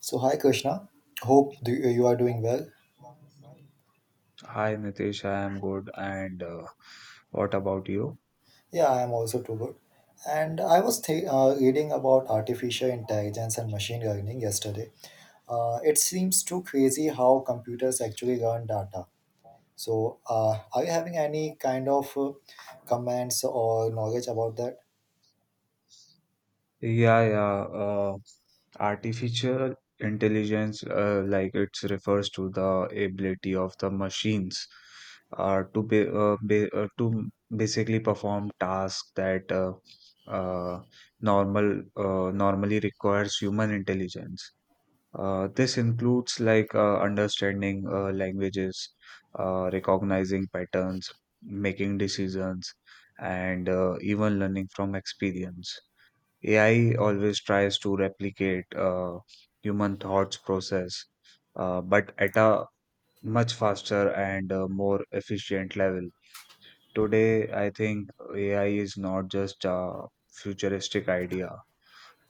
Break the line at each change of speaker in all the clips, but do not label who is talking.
So, hi Krishna. Hope you are doing well.
Hi Nitish, I am good. And what about you?
Yeah, I am also too good. And I was reading about artificial intelligence and machine learning yesterday. It seems too crazy how computers actually learn data. So, are you having any kind of comments or knowledge about that?
Yeah, yeah. Artificial intelligence, like it's refers to the ability of the machines to be to basically perform tasks that uh, normally requires human intelligence. This includes understanding languages, recognizing patterns, making decisions, and even learning from experience. AI always tries to replicate human thoughts process, but at a much faster and more efficient level. Today, I think AI is not just a futuristic idea.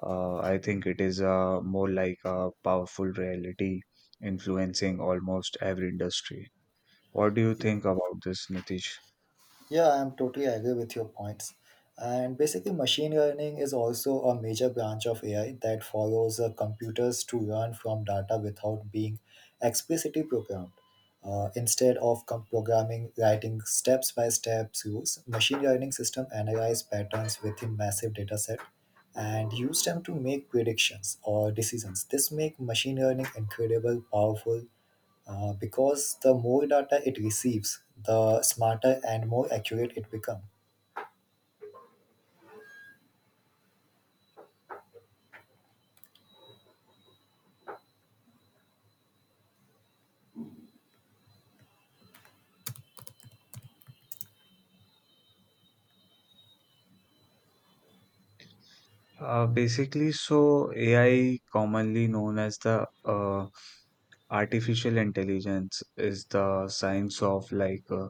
I think it is more like a powerful reality influencing almost every industry. What do you think about this, Nitish?
Yeah, I'm totally agree with your points. And basically, machine learning is also a major branch of AI that follows computers to learn from data without being explicitly programmed. Instead of programming, writing steps by step rules, machine learning system analyze patterns within massive data set and use them to make predictions or decisions. This make machine learning incredible, powerful, because the more data it receives, the smarter and more accurate it becomes.
Basically, so AI, commonly known as the artificial intelligence, is the science of like uh,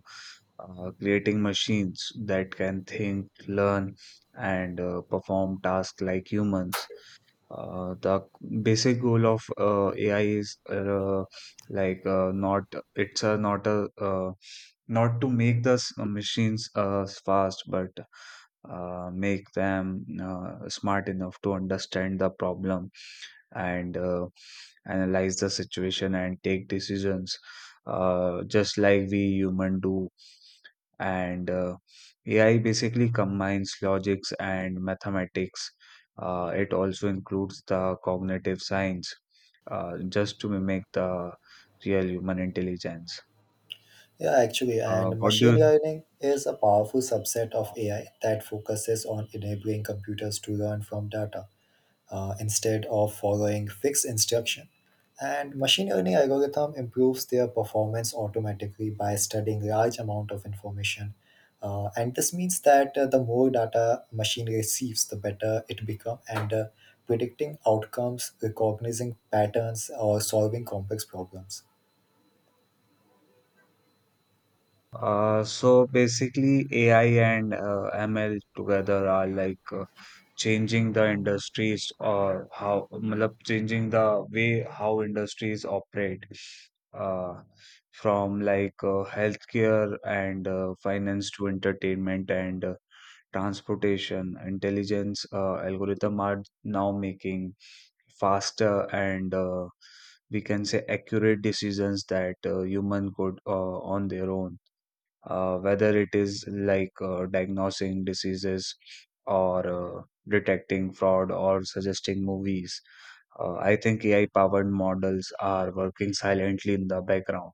uh, creating machines that can think, learn, and perform tasks like humans. The basic goal of AI is like not it's a not to make the machines fast, but make them smart enough to understand the problem and analyze the situation and take decisions, just like we human do. And AI basically combines logics and mathematics, it also includes the cognitive science, just to mimic the real human intelligence.
Yeah, actually, and
What do you
machine learning is a powerful subset of AI that focuses on enabling computers to learn from data. Instead of following fixed instruction. And machine learning algorithm improves their performance automatically by studying large amount of information. And this means that the more data machine receives, the better it become. And predicting outcomes, recognizing patterns, or solving complex problems.
So basically, AI and ML together are changing the industries, or how मतलब changing the way how industries operate, uh, from healthcare and finance to entertainment and transportation. Intelligence algorithm are now making faster and we can say accurate decisions that human could on their own, whether it is diagnosing diseases or detecting fraud or suggesting movies. I think AI powered models are working silently in the background.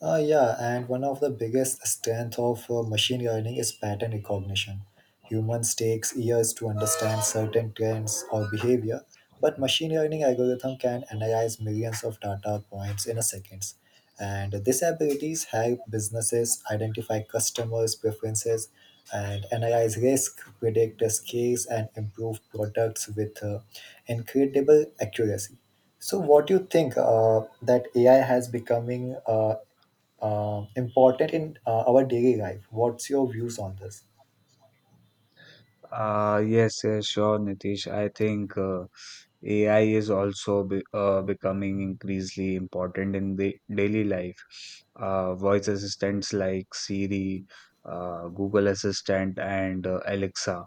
Yeah, and one of the biggest strength of machine learning is pattern recognition. Humans takes years to understand certain trends or behavior, but machine learning algorithm can analyze millions of data points in a seconds. And these abilities help businesses identify customers' preferences and analyze risk, predict the scales, and improve products with incredible accuracy. So, what do you think that AI has becoming important in our daily life. What's your views on this?
Yes, yes, sure, Nitish. I think AI is also be becoming increasingly important in the daily life. Voice assistants like Siri, Google Assistant, and Alexa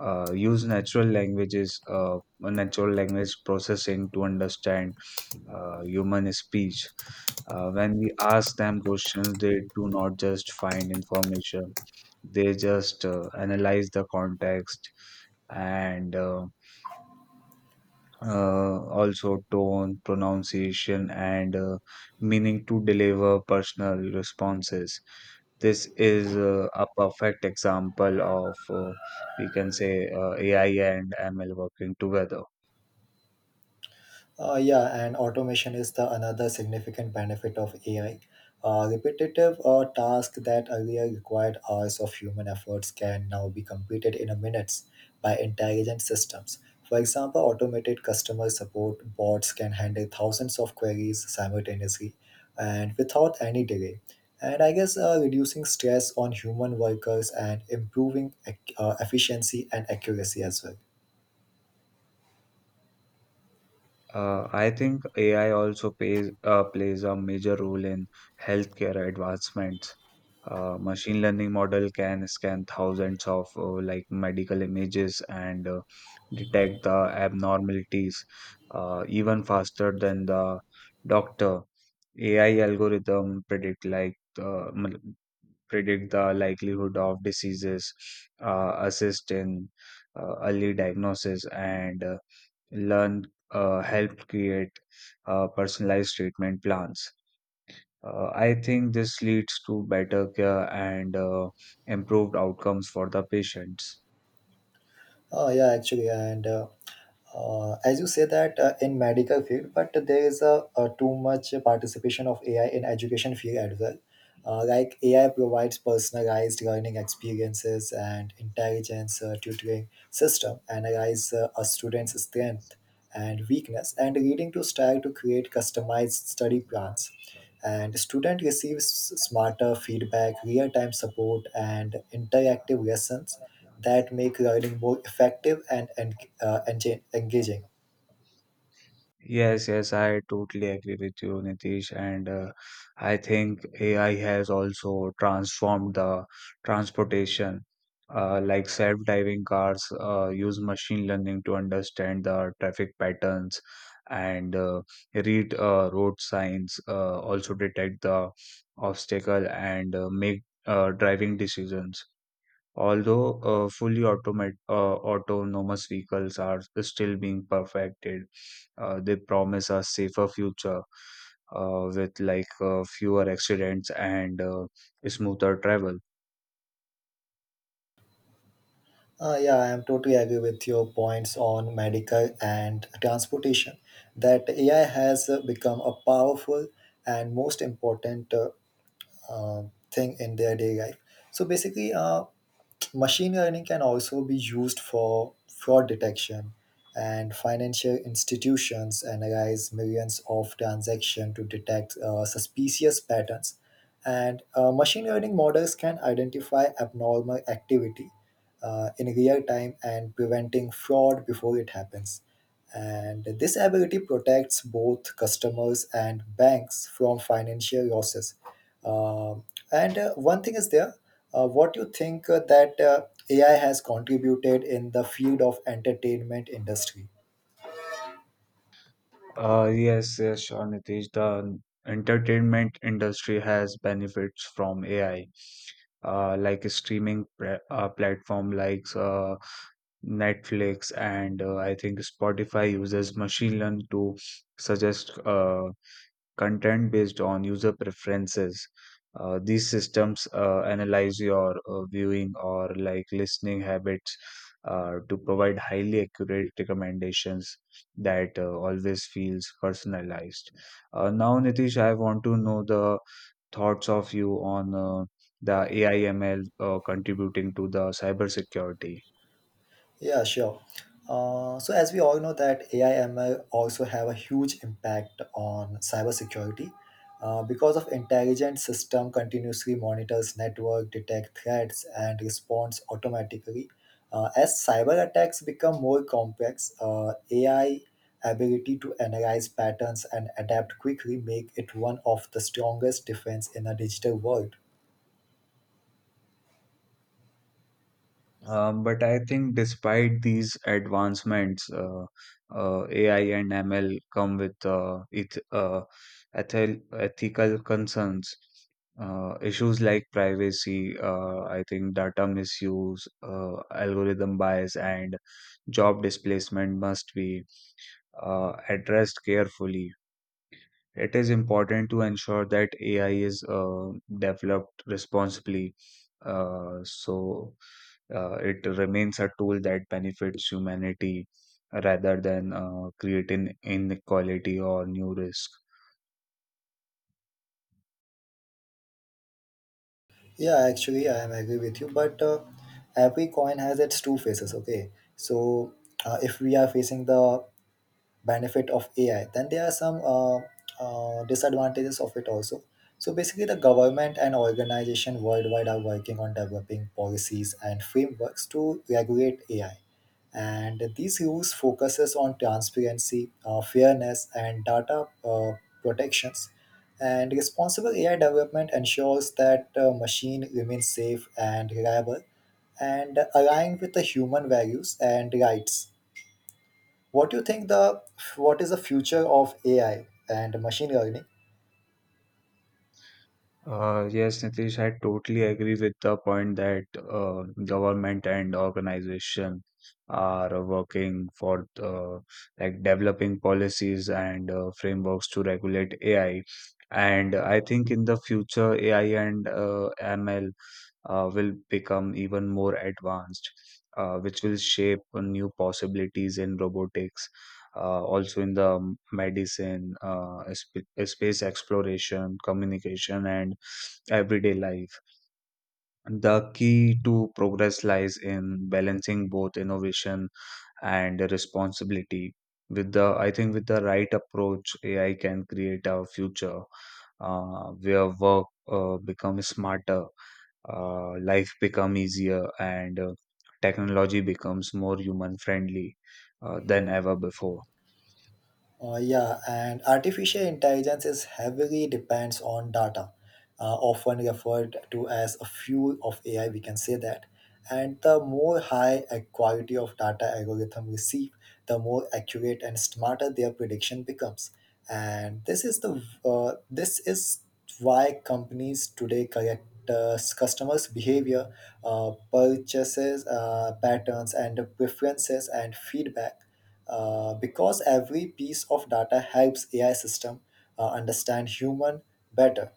use natural language processing to understand human speech. When we ask them questions, they do not just find information, they just analyze the context and also tone, pronunciation, and meaning to deliver personal responses. This is a perfect example of, we can say, AI and ML working together.
Yeah, and automation is the another significant benefit of AI. Repetitive tasks that earlier required hours of human efforts can now be completed in a minutes by intelligent systems. For example, automated customer support bots can handle thousands of queries simultaneously and without any delay. And I guess reducing stress on human workers and improving efficiency and accuracy as well.
I think AI also plays a major role in healthcare advancements. Machine learning model can scan thousands of medical images and detect the abnormalities, even faster than the doctor. AI algorithm predict the likelihood of diseases, assist in early diagnosis and learn helped create personalized treatment plans. I think this leads to better care and improved outcomes for the patients.
Oh yeah, actually, and as you say that in medical field, but there is a too much participation of AI in education field as well. Like AI provides personalized learning experiences and intelligence tutoring system, analyze a student's strength and weakness, and leading to style to create customized study plans and student receives smarter feedback real-time support and interactive lessons that make learning more effective and, engaging.
Yes, yes, I totally agree with you, Nitish. And I think AI has also transformed the transportation. Like self-driving cars use machine learning to understand the traffic patterns and read road signs, also detect the obstacle and make driving decisions. Although fully autonomous vehicles are still being perfected, they promise a safer future with fewer accidents and smoother travel.
Yeah, I am totally agree with your points on medical and transportation that AI has become a powerful and most important uh, thing in their day life. So basically, machine learning can also be used for fraud detection, and financial institutions analyze millions of transactions to detect suspicious patterns. And machine learning models can identify abnormal activity in real time and preventing fraud before it happens. And this ability protects both customers and banks from financial losses. Um, and One thing is there, what you think that AI has contributed in the field of entertainment industry?
Yes, yes, sure, Nitish. The entertainment industry has benefits from AI, like streaming platform like Netflix and I think Spotify uses machine learning to suggest content based on user preferences. These systems analyze your viewing or like listening habits to provide highly accurate recommendations that always feels personalized. Now, Nitish, I want to know the thoughts of you on the AI ML contributing to the cybersecurity.
Yeah, sure. So as we all know that AI ML also have a huge impact on cybersecurity because of intelligent system continuously monitors network, detect threats, and responds automatically. As cyber attacks become more complex, AI ability to analyze patterns and adapt quickly make it one of the strongest defense in a digital world.
But I think despite these advancements, AI and ML come with ethical concerns, issues like privacy, I think data misuse, algorithm bias, and job displacement must be addressed carefully. It is important to ensure that AI is developed responsibly, so it remains a tool that benefits humanity rather than creating inequality or new risk.
Yeah, actually, I am agree with you. But every coin has its two faces. Okay, so if we are facing the benefit of AI, then there are some disadvantages of it also. So basically, the government and organization worldwide are working on developing policies and frameworks to regulate AI. And these rules focuses on transparency, fairness, and data protections. And responsible AI development ensures that machine remains safe and reliable and align with the human values and rights. What do you think the What is the future of AI and machine learning?
Yes, Nitish, I totally agree with the point that government and organization are working for developing policies and frameworks to regulate AI. And I think in the future, AI and ML will become even more advanced, which will shape new possibilities in robotics, also in medicine, space exploration, communication, and everyday life. The key to progress lies in balancing both innovation and responsibility. I think with the right approach, AI can create a future where work becomes smarter, life become easier, and technology becomes more human friendly than ever before.
Yeah, and artificial intelligence is heavily depends on data, often referred to as a fuel of AI. We can say that, and the more high a quality of data algorithm receive, the more accurate and smarter their prediction becomes. And this is why companies today correct customers' behavior, purchases patterns, and preferences and feedback because every piece of data helps AI system understand human better.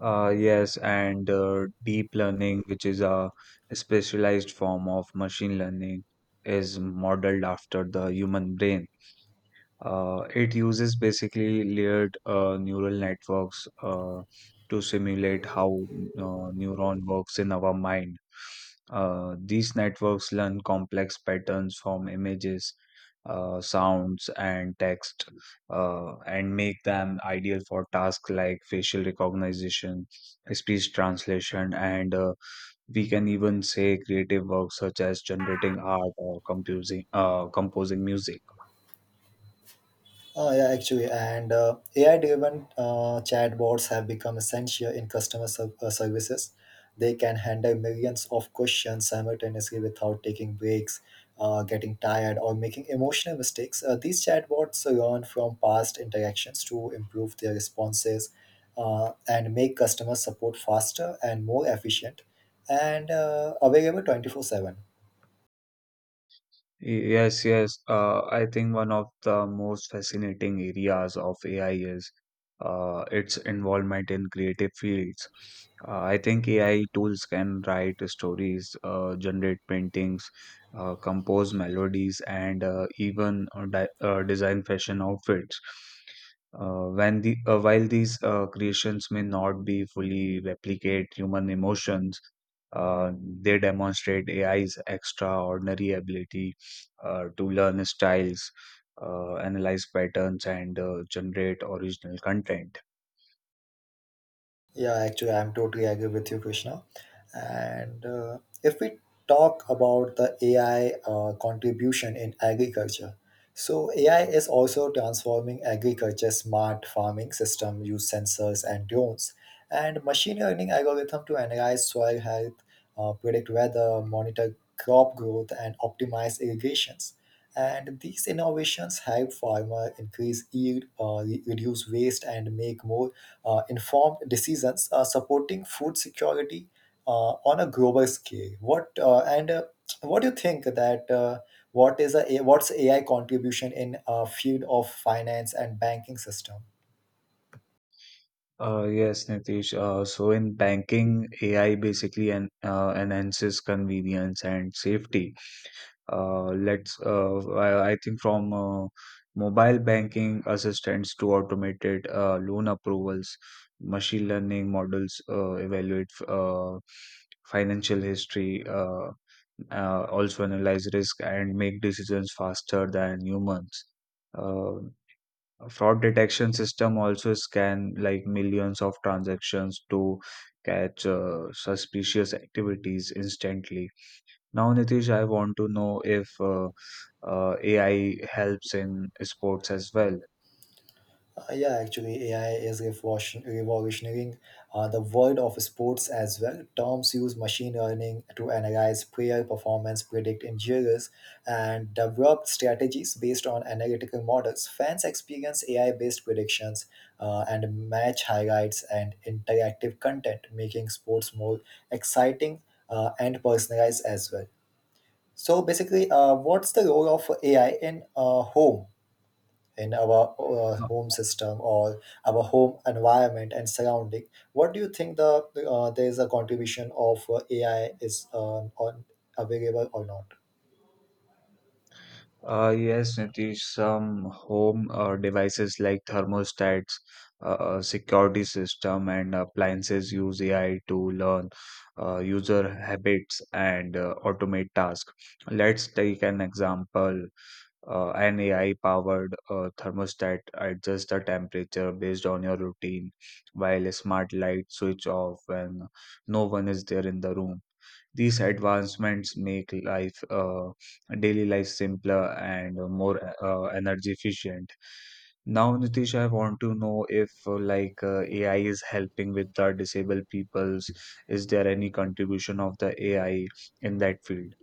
Yes, and deep learning, which is a specialized form of machine learning, is modeled after the human brain. It uses basically layered neural networks to simulate how neuron works in our mind. These networks learn complex patterns from images, sounds, and text, and make them ideal for tasks like facial recognition, speech translation, and we can even say creative work such as generating art or composing music.
Yeah, actually, and AI-driven chatbots have become essential in customer services. They can handle millions of questions simultaneously without taking breaks, getting tired, or making emotional mistakes. These chatbots learn from past interactions to improve their responses and make customer support faster and more efficient and available 24/7.
Yes, yes. I think one of the most fascinating areas of AI is its involvement in creative fields. I think AI tools can write stories, generate paintings, compose melodies, and even design fashion outfits. When the While these creations may not be fully replicate human emotions, uh, they demonstrate AI's extraordinary ability to learn styles, analyze patterns, and generate original content.
Yeah, actually, I'm totally agree with you, Krishna. And if we talk about the AI contribution in agriculture, so AI is also transforming agriculture smart farming system, use sensors and drones, and machine learning algorithm to analyze soil health, predict weather, monitor crop growth, and optimize irrigations. And these innovations help farmer increase yield, reduce waste, and make more informed decisions supporting food security on a global scale. What do you think that what is a what's AI contribution in field of finance and banking system?
Yes, Nitish. So in banking, AI basically enhances convenience and safety. Let's I think from mobile banking assistants to automated loan approvals, machine learning models evaluate financial history, also analyze risk and make decisions faster than humans. uh, Fraud detection system also scan like millions of transactions to catch suspicious activities instantly. Now, Nitish, I want to know if AI helps in sports as well.
Yeah, actually, AI is revolutionizing the world of sports as well. Terms use machine learning to analyze player performance, predict injuries, and develop strategies based on analytical models. Fans experience AI-based predictions and match highlights and interactive content, making sports more exciting and personalized as well. So, basically, what's the role of AI in home, in our
Uh,
home system, or our home environment and surrounding? What do you think, the there is a contribution of AI is on, available or not?
Yes, Nitish, some home devices like thermostats, security system, and appliances use AI to learn user habits and automate tasks. Let's take an example. An AI powered thermostat adjusts the temperature based on your routine, while a smart light switch off when no one is there in the room. These advancements make daily life simpler and more energy efficient. Now, Nitish, I want to know if AI is helping with the disabled peoples. Is there any contribution of the AI in that field?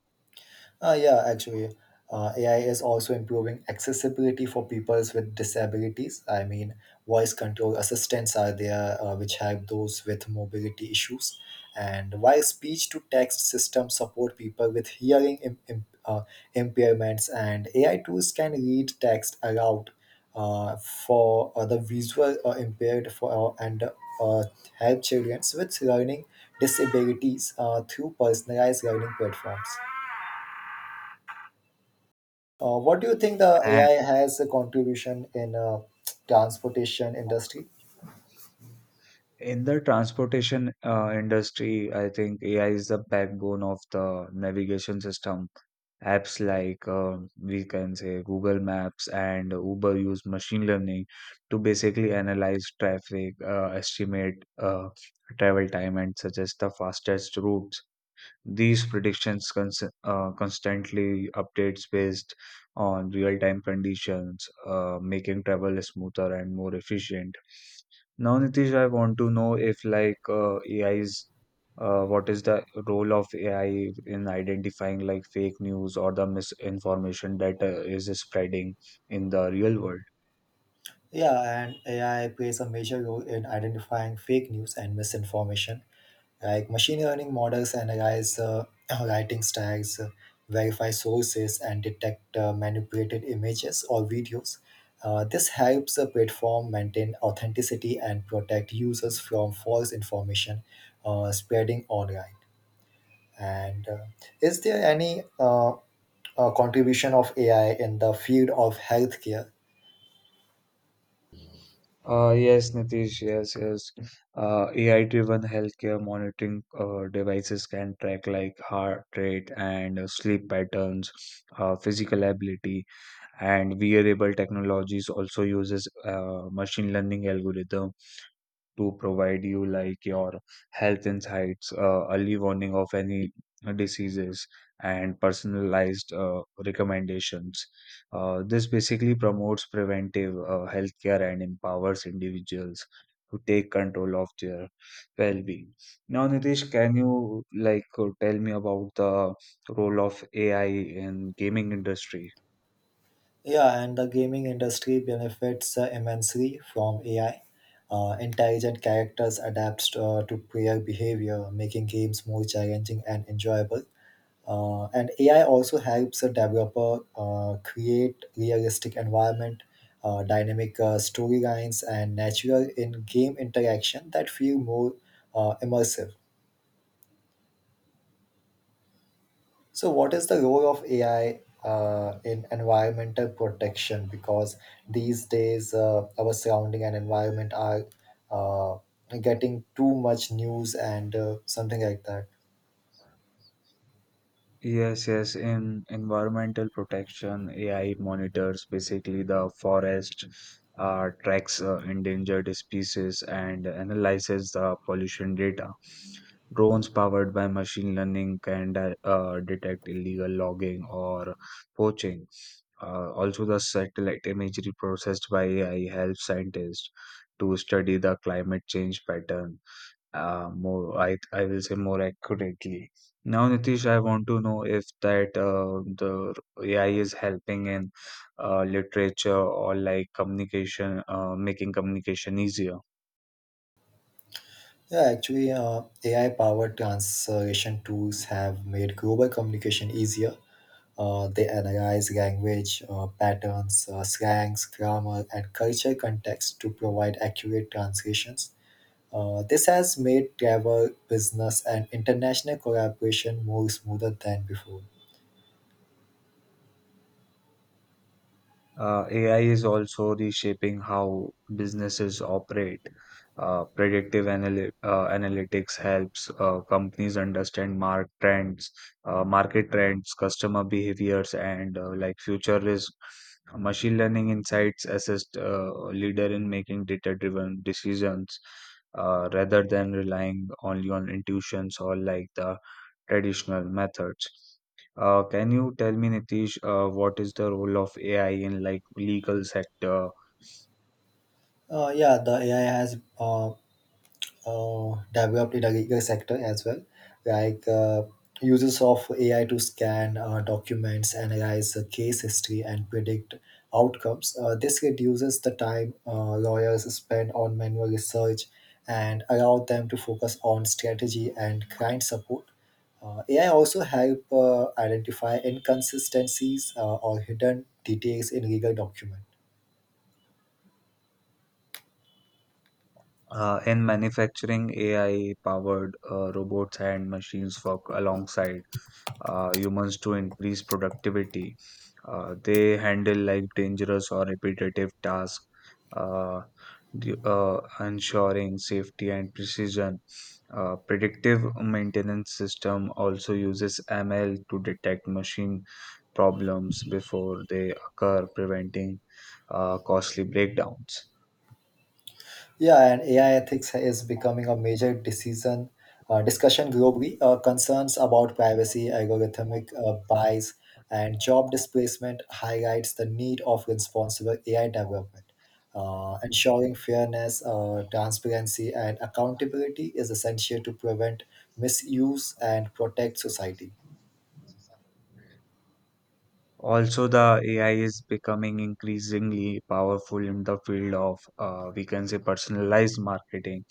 Yeah, actually, AI is also improving accessibility for peoples with disabilities. I mean, voice control assistants are there, which help those with mobility issues. And while speech to text systems support people with hearing impairments, and AI tools can read text aloud for the visual impaired for and help children with learning disabilities through personalized learning platforms. What do you think the
And
AI has a contribution in transportation industry?
In the transportation industry, I think AI is the backbone of the navigation system. Apps like we can say Google Maps and Uber use machine learning to basically analyze traffic, estimate uh, travel time, and suggest the fastest routes. These predictions constantly updates based on real-time conditions, making travel smoother and more efficient. Now, Nitish, I want to know if like AI is What is the role of AI in identifying like fake news or the misinformation that is spreading in the real world?
Yeah, and AI plays a major role in identifying fake news and misinformation. Like machine learning models analyze writing styles, verify sources, and detect manipulated images or videos. This helps a platform maintain authenticity and protect users from false information spreading online. And is there any contribution of AI in the field of healthcare?
Yes, Nitish, yes, yes. AI-driven healthcare monitoring devices can track like heart rate and sleep patterns, physical ability, and wearable technologies also uses machine learning algorithm to provide you like your health insights, early warning of any diseases, and personalized recommendations. This basically promotes preventive healthcare and empowers individuals to take control of their well-being. Now, Nitish, can you like tell me about the role of AI in gaming industry?
Yeah, and the gaming industry benefits immensely from AI. Intelligent characters adapt to player behavior, making games more challenging and enjoyable. And AI also helps a developer create realistic environment, dynamic storylines, and natural in-game interaction that feel more immersive. So, what is the role of AI in environmental protection? Because these days, our surrounding and environment are uh, getting too much news and something like that.
Yes, yes. In environmental protection, AI monitors basically the forest, tracks endangered species, and analyzes the pollution data. Drones powered by machine learning can detect illegal logging or poaching. Also, the satellite imagery processed by AI helps scientists to study the climate change pattern, more I will say more accurately. Now, Nitish, I want to know if that the AI is helping in literature or like communication, making communication easier.
Yeah, actually, AI powered translation tools have made global communication easier. They analyze language patterns, slangs, grammar, and cultural context to provide accurate translations. This has made travel, business, and international collaboration more smoother than before.
AI is also reshaping how businesses operate. Predictive analytics helps companies understand market trends, customer behaviors, and future risk. Machine learning insights assist leader in making data-driven decisions, rather than relying only on intuitions or like the traditional methods. Can you tell me, Nitish, what is the role of AI in like legal sector?
Yeah, the AI has developed in the legal sector as well, like uses of AI to scan documents, analyze the case history, and predict outcomes. This reduces the time lawyers spend on manual research and allow them to focus on strategy and client support. AI also help identify inconsistencies or hidden details in legal document.
In manufacturing, AI-powered robots and machines work alongside humans to increase productivity. They handle like dangerous or repetitive tasks, uh, ensuring safety and precision. Predictive maintenance system also uses ML to detect machine problems before they occur, preventing costly breakdowns.
Yeah, and AI ethics is becoming a major decision discussion globally. Concerns about privacy, algorithmic bias, and job displacement highlights the need of responsible AI development. Ensuring fairness, transparency, and accountability is essential to prevent misuse and protect society.
Also, the AI is becoming increasingly powerful in the field of, we can say, personalized marketing.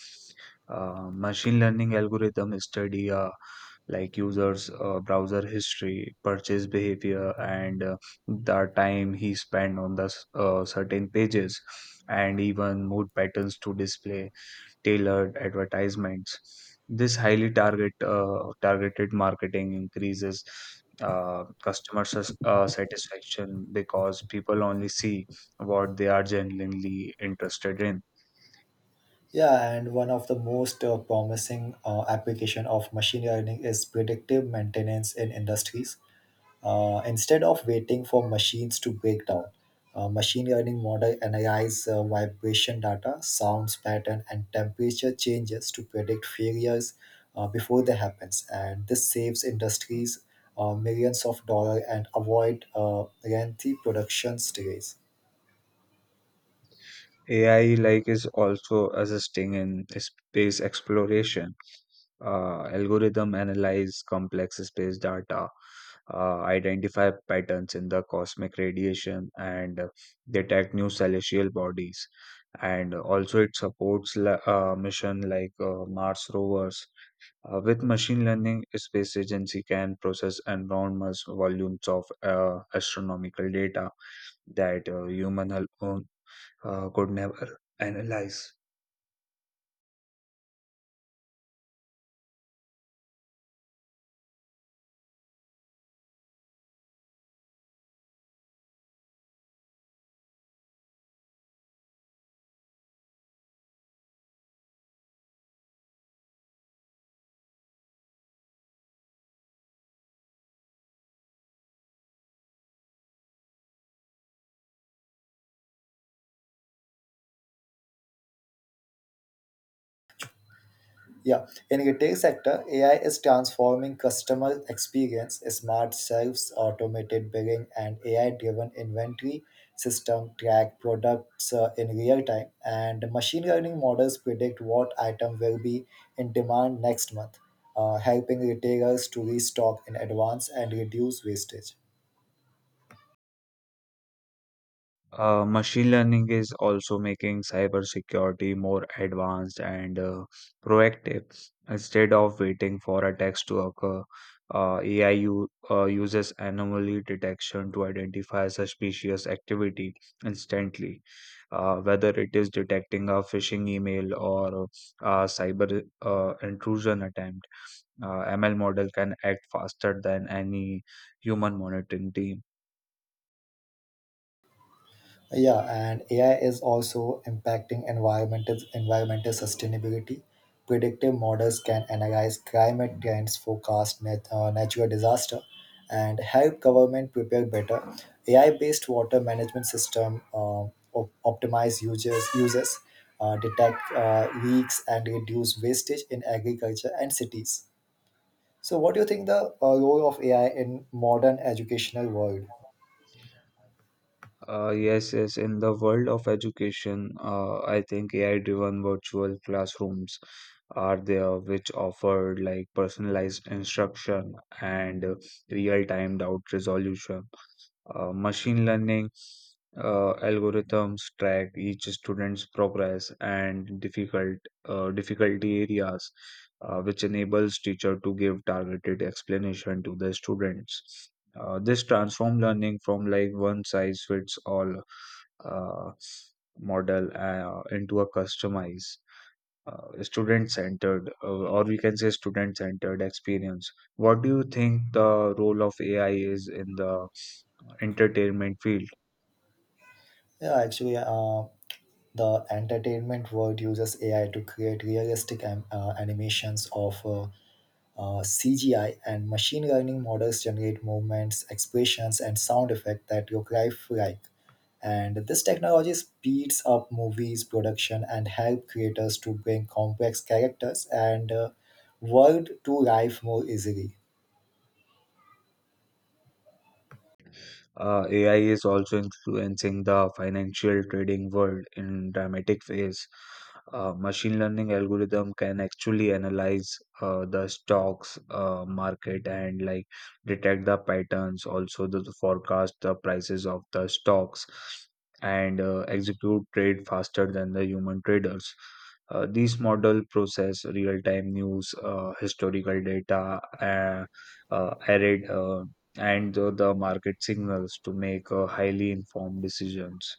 Machine learning algorithms study like users' browser history, purchase behavior, and the time he spent on the certain pages, and even mood patterns to display tailored advertisements. This highly target targeted marketing increases customer satisfaction because people only see what they are genuinely interested in.
Yeah, and one of the most promising application of machine learning is predictive maintenance in industries. Instead of waiting for machines to break down, machine learning model analyze vibration data, sounds pattern, and temperature changes to predict failures before they happens. And this saves industries millions of dollars and avoid lengthy production delays.
AI like is also assisting in space exploration. Algorithm analyze complex space data, identify patterns in the cosmic radiation, and detect new celestial bodies. And also, it supports mission like Mars rovers. With machine learning, space agency can process enormous volumes of astronomical data that could never analyze.
Yeah, in retail sector, AI is transforming customer experience. Smart shelves, automated billing, and AI-driven inventory system track products in real time, and machine learning models predict what item will be in demand next month, helping retailers to restock in advance and reduce wastage.
Machine learning is also making cybersecurity more advanced and proactive. Instead of waiting for attacks to occur, AI uses anomaly detection to identify suspicious activity instantly, whether it is detecting a phishing email or a cyber intrusion attempt. ML model can act faster than any human monitoring team.
Yeah, and AI is also impacting environmental sustainability. Predictive models can analyze climate trends, forecast natural disaster, and help government prepare better. AI-based water management system optimize users uses, detect leaks, and reduce wastage in agriculture and cities. So, what do you think the role of AI in modern educational world?
Yes, yes. In the world of education, I think AI-driven virtual classrooms are there, which offer like personalized instruction and real-time doubt resolution. Machine learning algorithms track each student's progress and difficulty areas, which enables teacher to give targeted explanation to the students. This transform learning from like one size fits all uh, model into a customized student centered or we can say student centered experience. What do you think the role of AI is in the entertainment field?
Yeah, actually, the entertainment world uses AI to create realistic animations of CGI, and machine learning models generate movements, expressions, and sound effects that look lifelike. And this technology speeds up movies production and help creators to bring complex characters and world to life more easily.
AI is also influencing the financial trading world in dramatic ways. Machine learning algorithm can actually analyze the stocks market and like detect the patterns, also the forecast the prices of the stocks, and execute trade faster than the human traders. These model process real-time news, historical data, uh, arid, uh, and the market signals to make highly informed decisions.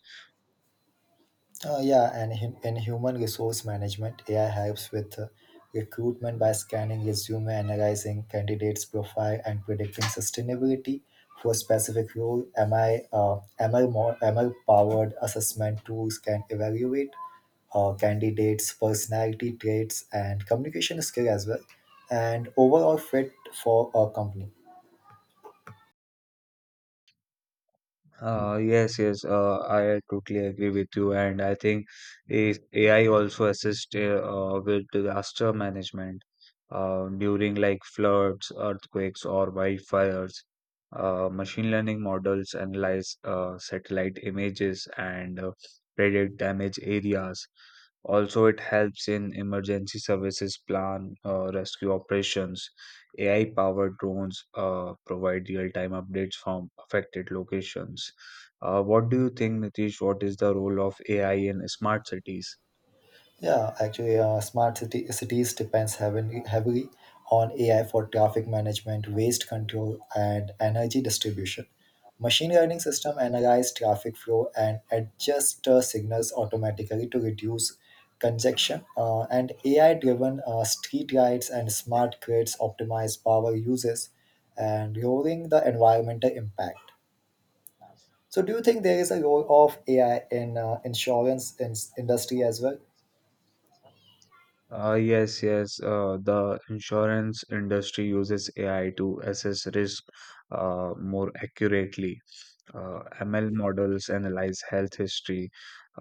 Yeah, and in human resource management, AI helps with recruitment by scanning resume, analyzing candidates' profile, and predicting sustainability for specific role. ML powered assessment tools can evaluate candidates' personality traits and communication skill as well, and overall fit for a company.
Yes, yes, I totally agree with you, and I think if AI also assists with disaster management during like floods, earthquakes, or wildfires. Machine learning models analyze satellite images and predict damage areas. Also, it helps in emergency services plan, rescue operations. AI powered drones provide real time updates from affected locations. What do you think, Nitish? What is the role of AI in smart cities?
Yeah, actually, cities depends heavily on AI for traffic management, waste control, and energy distribution. Machine learning system analyze traffic flow and adjust signals automatically to reduce congestion. And AI-driven street lights and smart grids optimize power uses and lowering the environmental impact. So, do you think there is a role of AI in insurance in industry as well?
Yes, yes. The insurance industry uses AI to assess risk more accurately. ML models analyze health history,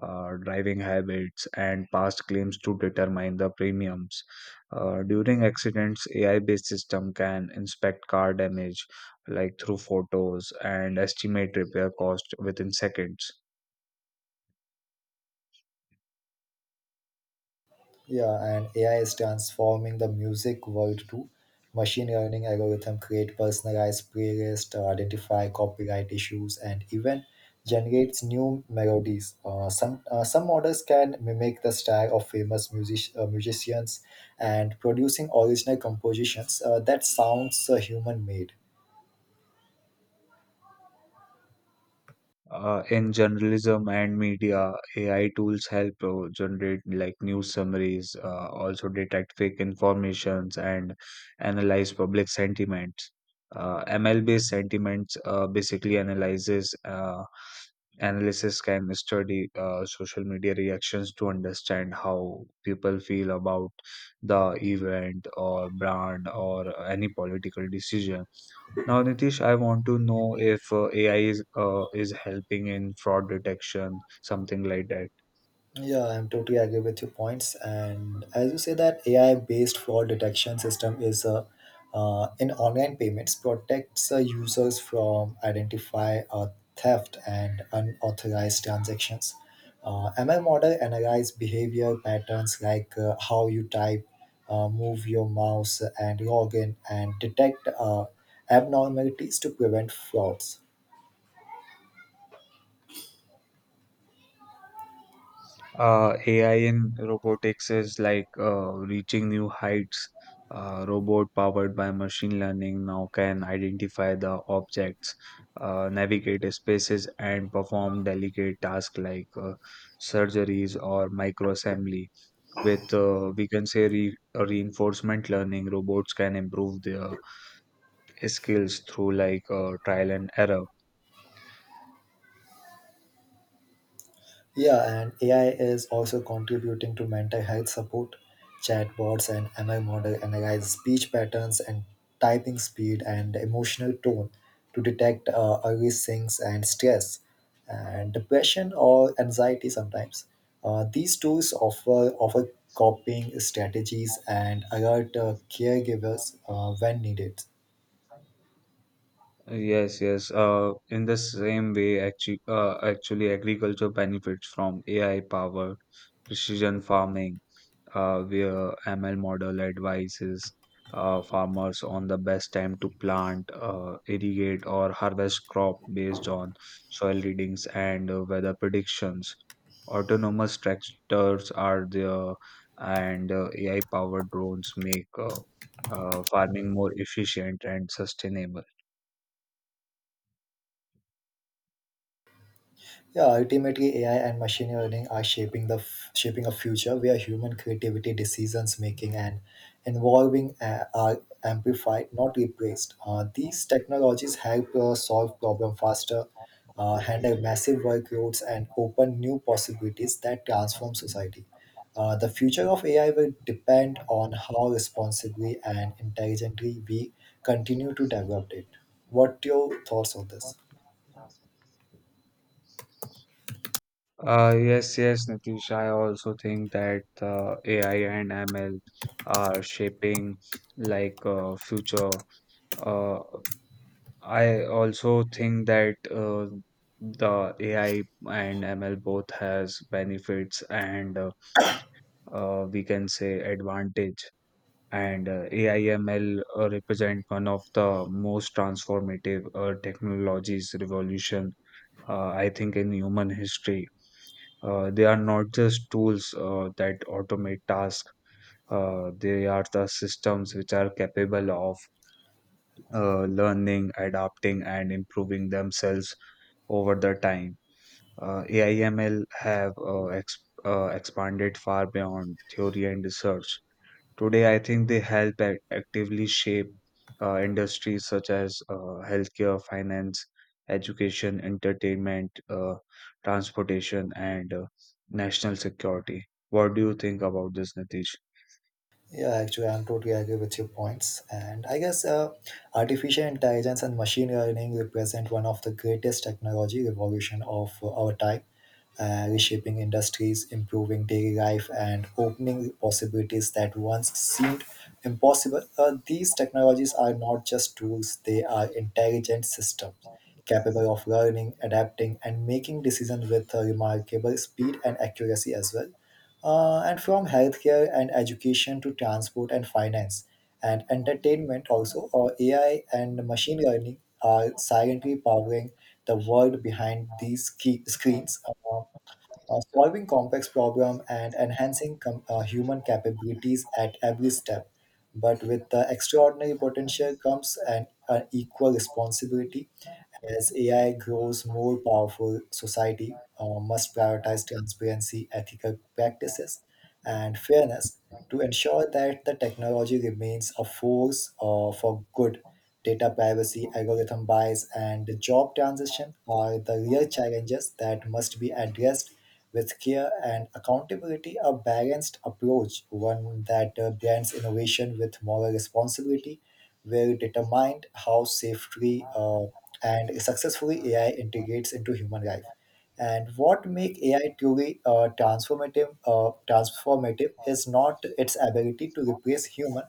driving habits, and past claims to determine the premiums. During accidents, AI-based system can inspect car damage, like through photos, and estimate repair cost within seconds.
Yeah, and AI is transforming the music world too. Machine learning algorithm create personalized playlists, identify copyright issues, and even generates new melodies. Some models can mimic the style of famous musicians and producing original compositions that sounds human made.
In journalism and media, AI tools help generate like news summaries, also detect fake informations and analyze public sentiments. ML-based sentiments basically analyzes analysis can study social media reactions to understand how people feel about the event or brand or any political decision. Now, Nitish, I want to know if uh, AI is uh, is helping in fraud detection, something like that.
Yeah, I'm totally agree with your points. And as you say that AI-based fraud detection system is in online payments protects users from identify theft and unauthorized transactions. ML model analyze behavior patterns like how you type, move your mouse, and log in, and detect abnormalities to prevent frauds.
AI in robotics is like reaching new heights. Robot powered by machine learning now can identify the objects, navigate spaces, and perform delicate tasks like surgeries or microassembly. With we can say re reinforcement learning, robots can improve their skills through like trial and error.
Yeah, and AI is also contributing to mental health support. Chatbots and ML model analyze speech patterns and typing speed and emotional tone to detect early sinks and stress and depression or anxiety sometimes. These tools offer coping strategies and alert caregivers when needed.
Yes, yes. In the same way, actually, agriculture benefits from AI power, precision farming, where ML model advises farmers on the best time to plant, irrigate, or harvest crop based on soil readings and weather predictions. Autonomous tractors are there, and AI powered drones make farming more efficient and sustainable.
Yeah, ultimately, AI and machine learning are shaping a future where human creativity, decisions making, and involving are amplified, not replaced. These technologies help solve problem faster, handle massive workloads, and open new possibilities that transform society. The future of AI will depend on how responsibly and intelligently we continue to develop it. What your thoughts on this?
Yes, yes, Nitish. I also think that AI and ML are shaping like future. Uh, I also think that the AI and ML both has benefits and we can say advantage. And AI ML represent one of the most transformative technologies revolution I think, in human history. They are not just tools that automate tasks. They are the systems which are capable of learning, adapting, and improving themselves over the time. AIML have expanded far beyond theory and research. Today, I think they actively shape industries such as healthcare, finance, education, entertainment, transportation, and national security. What do you think about this, Nitish?
Yeah, actually, I'm totally agree with your points. And I guess artificial intelligence and machine learning represent one of the greatest technology revolution of our time, reshaping industries, improving daily life, and opening possibilities that once seemed impossible. These technologies are not just tools; they are intelligent systems capable of learning, adapting, and making decisions with remarkable speed and accuracy as well. And from healthcare and education to transport and finance and entertainment also ai and machine learning are silently powering the world behind these key screens solving complex problem and enhancing human capabilities at every step. But with the extraordinary potential comes an equal responsibility as AI grows more powerful, society must prioritize transparency, ethical practices, and fairness to ensure that the technology remains a force for good. Data privacy, algorithm bias, and the job transition are the real challenges that must be addressed with care and accountability. A balanced approach, one that blends innovation with moral responsibility, will determine how safely and successfully AI integrates into human life. And what make AI truly transformative is not its ability to replace human,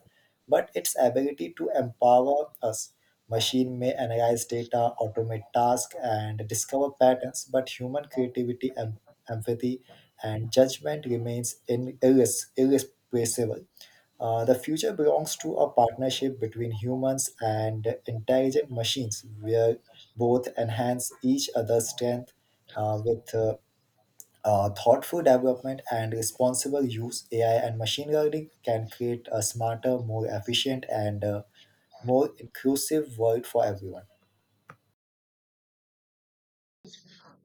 but its ability to empower us. Machine may analyze data, automate tasks, and discover patterns, but human creativity, empathy, and judgment remains in irreplaceable. The future belongs to a partnership between humans and intelligent machines, where both enhance each other's strength with thoughtful development and responsible use. AI and machine learning can create a smarter, more efficient, and more inclusive world for everyone.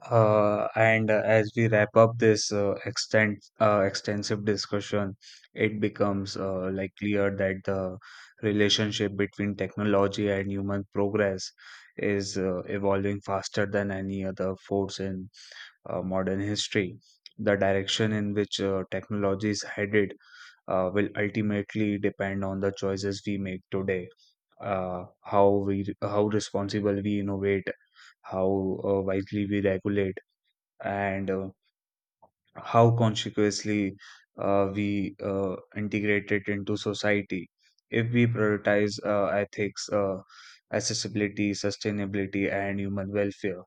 And As we wrap up this extent extensive discussion, it becomes like clear that the relationship between technology and human progress is evolving faster than any other force in modern history. The direction in which technology is headed will ultimately depend on the choices we make today, how responsible we innovate, how wisely we regulate, and how consciously we integrate it into society. If we prioritize ethics, accessibility, sustainability, and human welfare,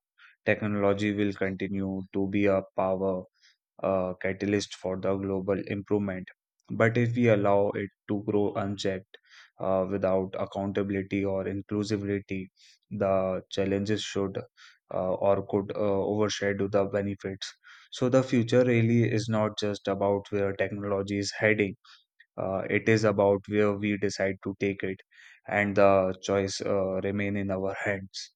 technology will continue to be a power, a catalyst for the global improvement. But if we allow it to grow unchecked without accountability or inclusivity, the challenges should or could overshadow the benefits. So, the future really is not just about where technology is heading, it is about where we decide to take it, and the choice remain in our hands.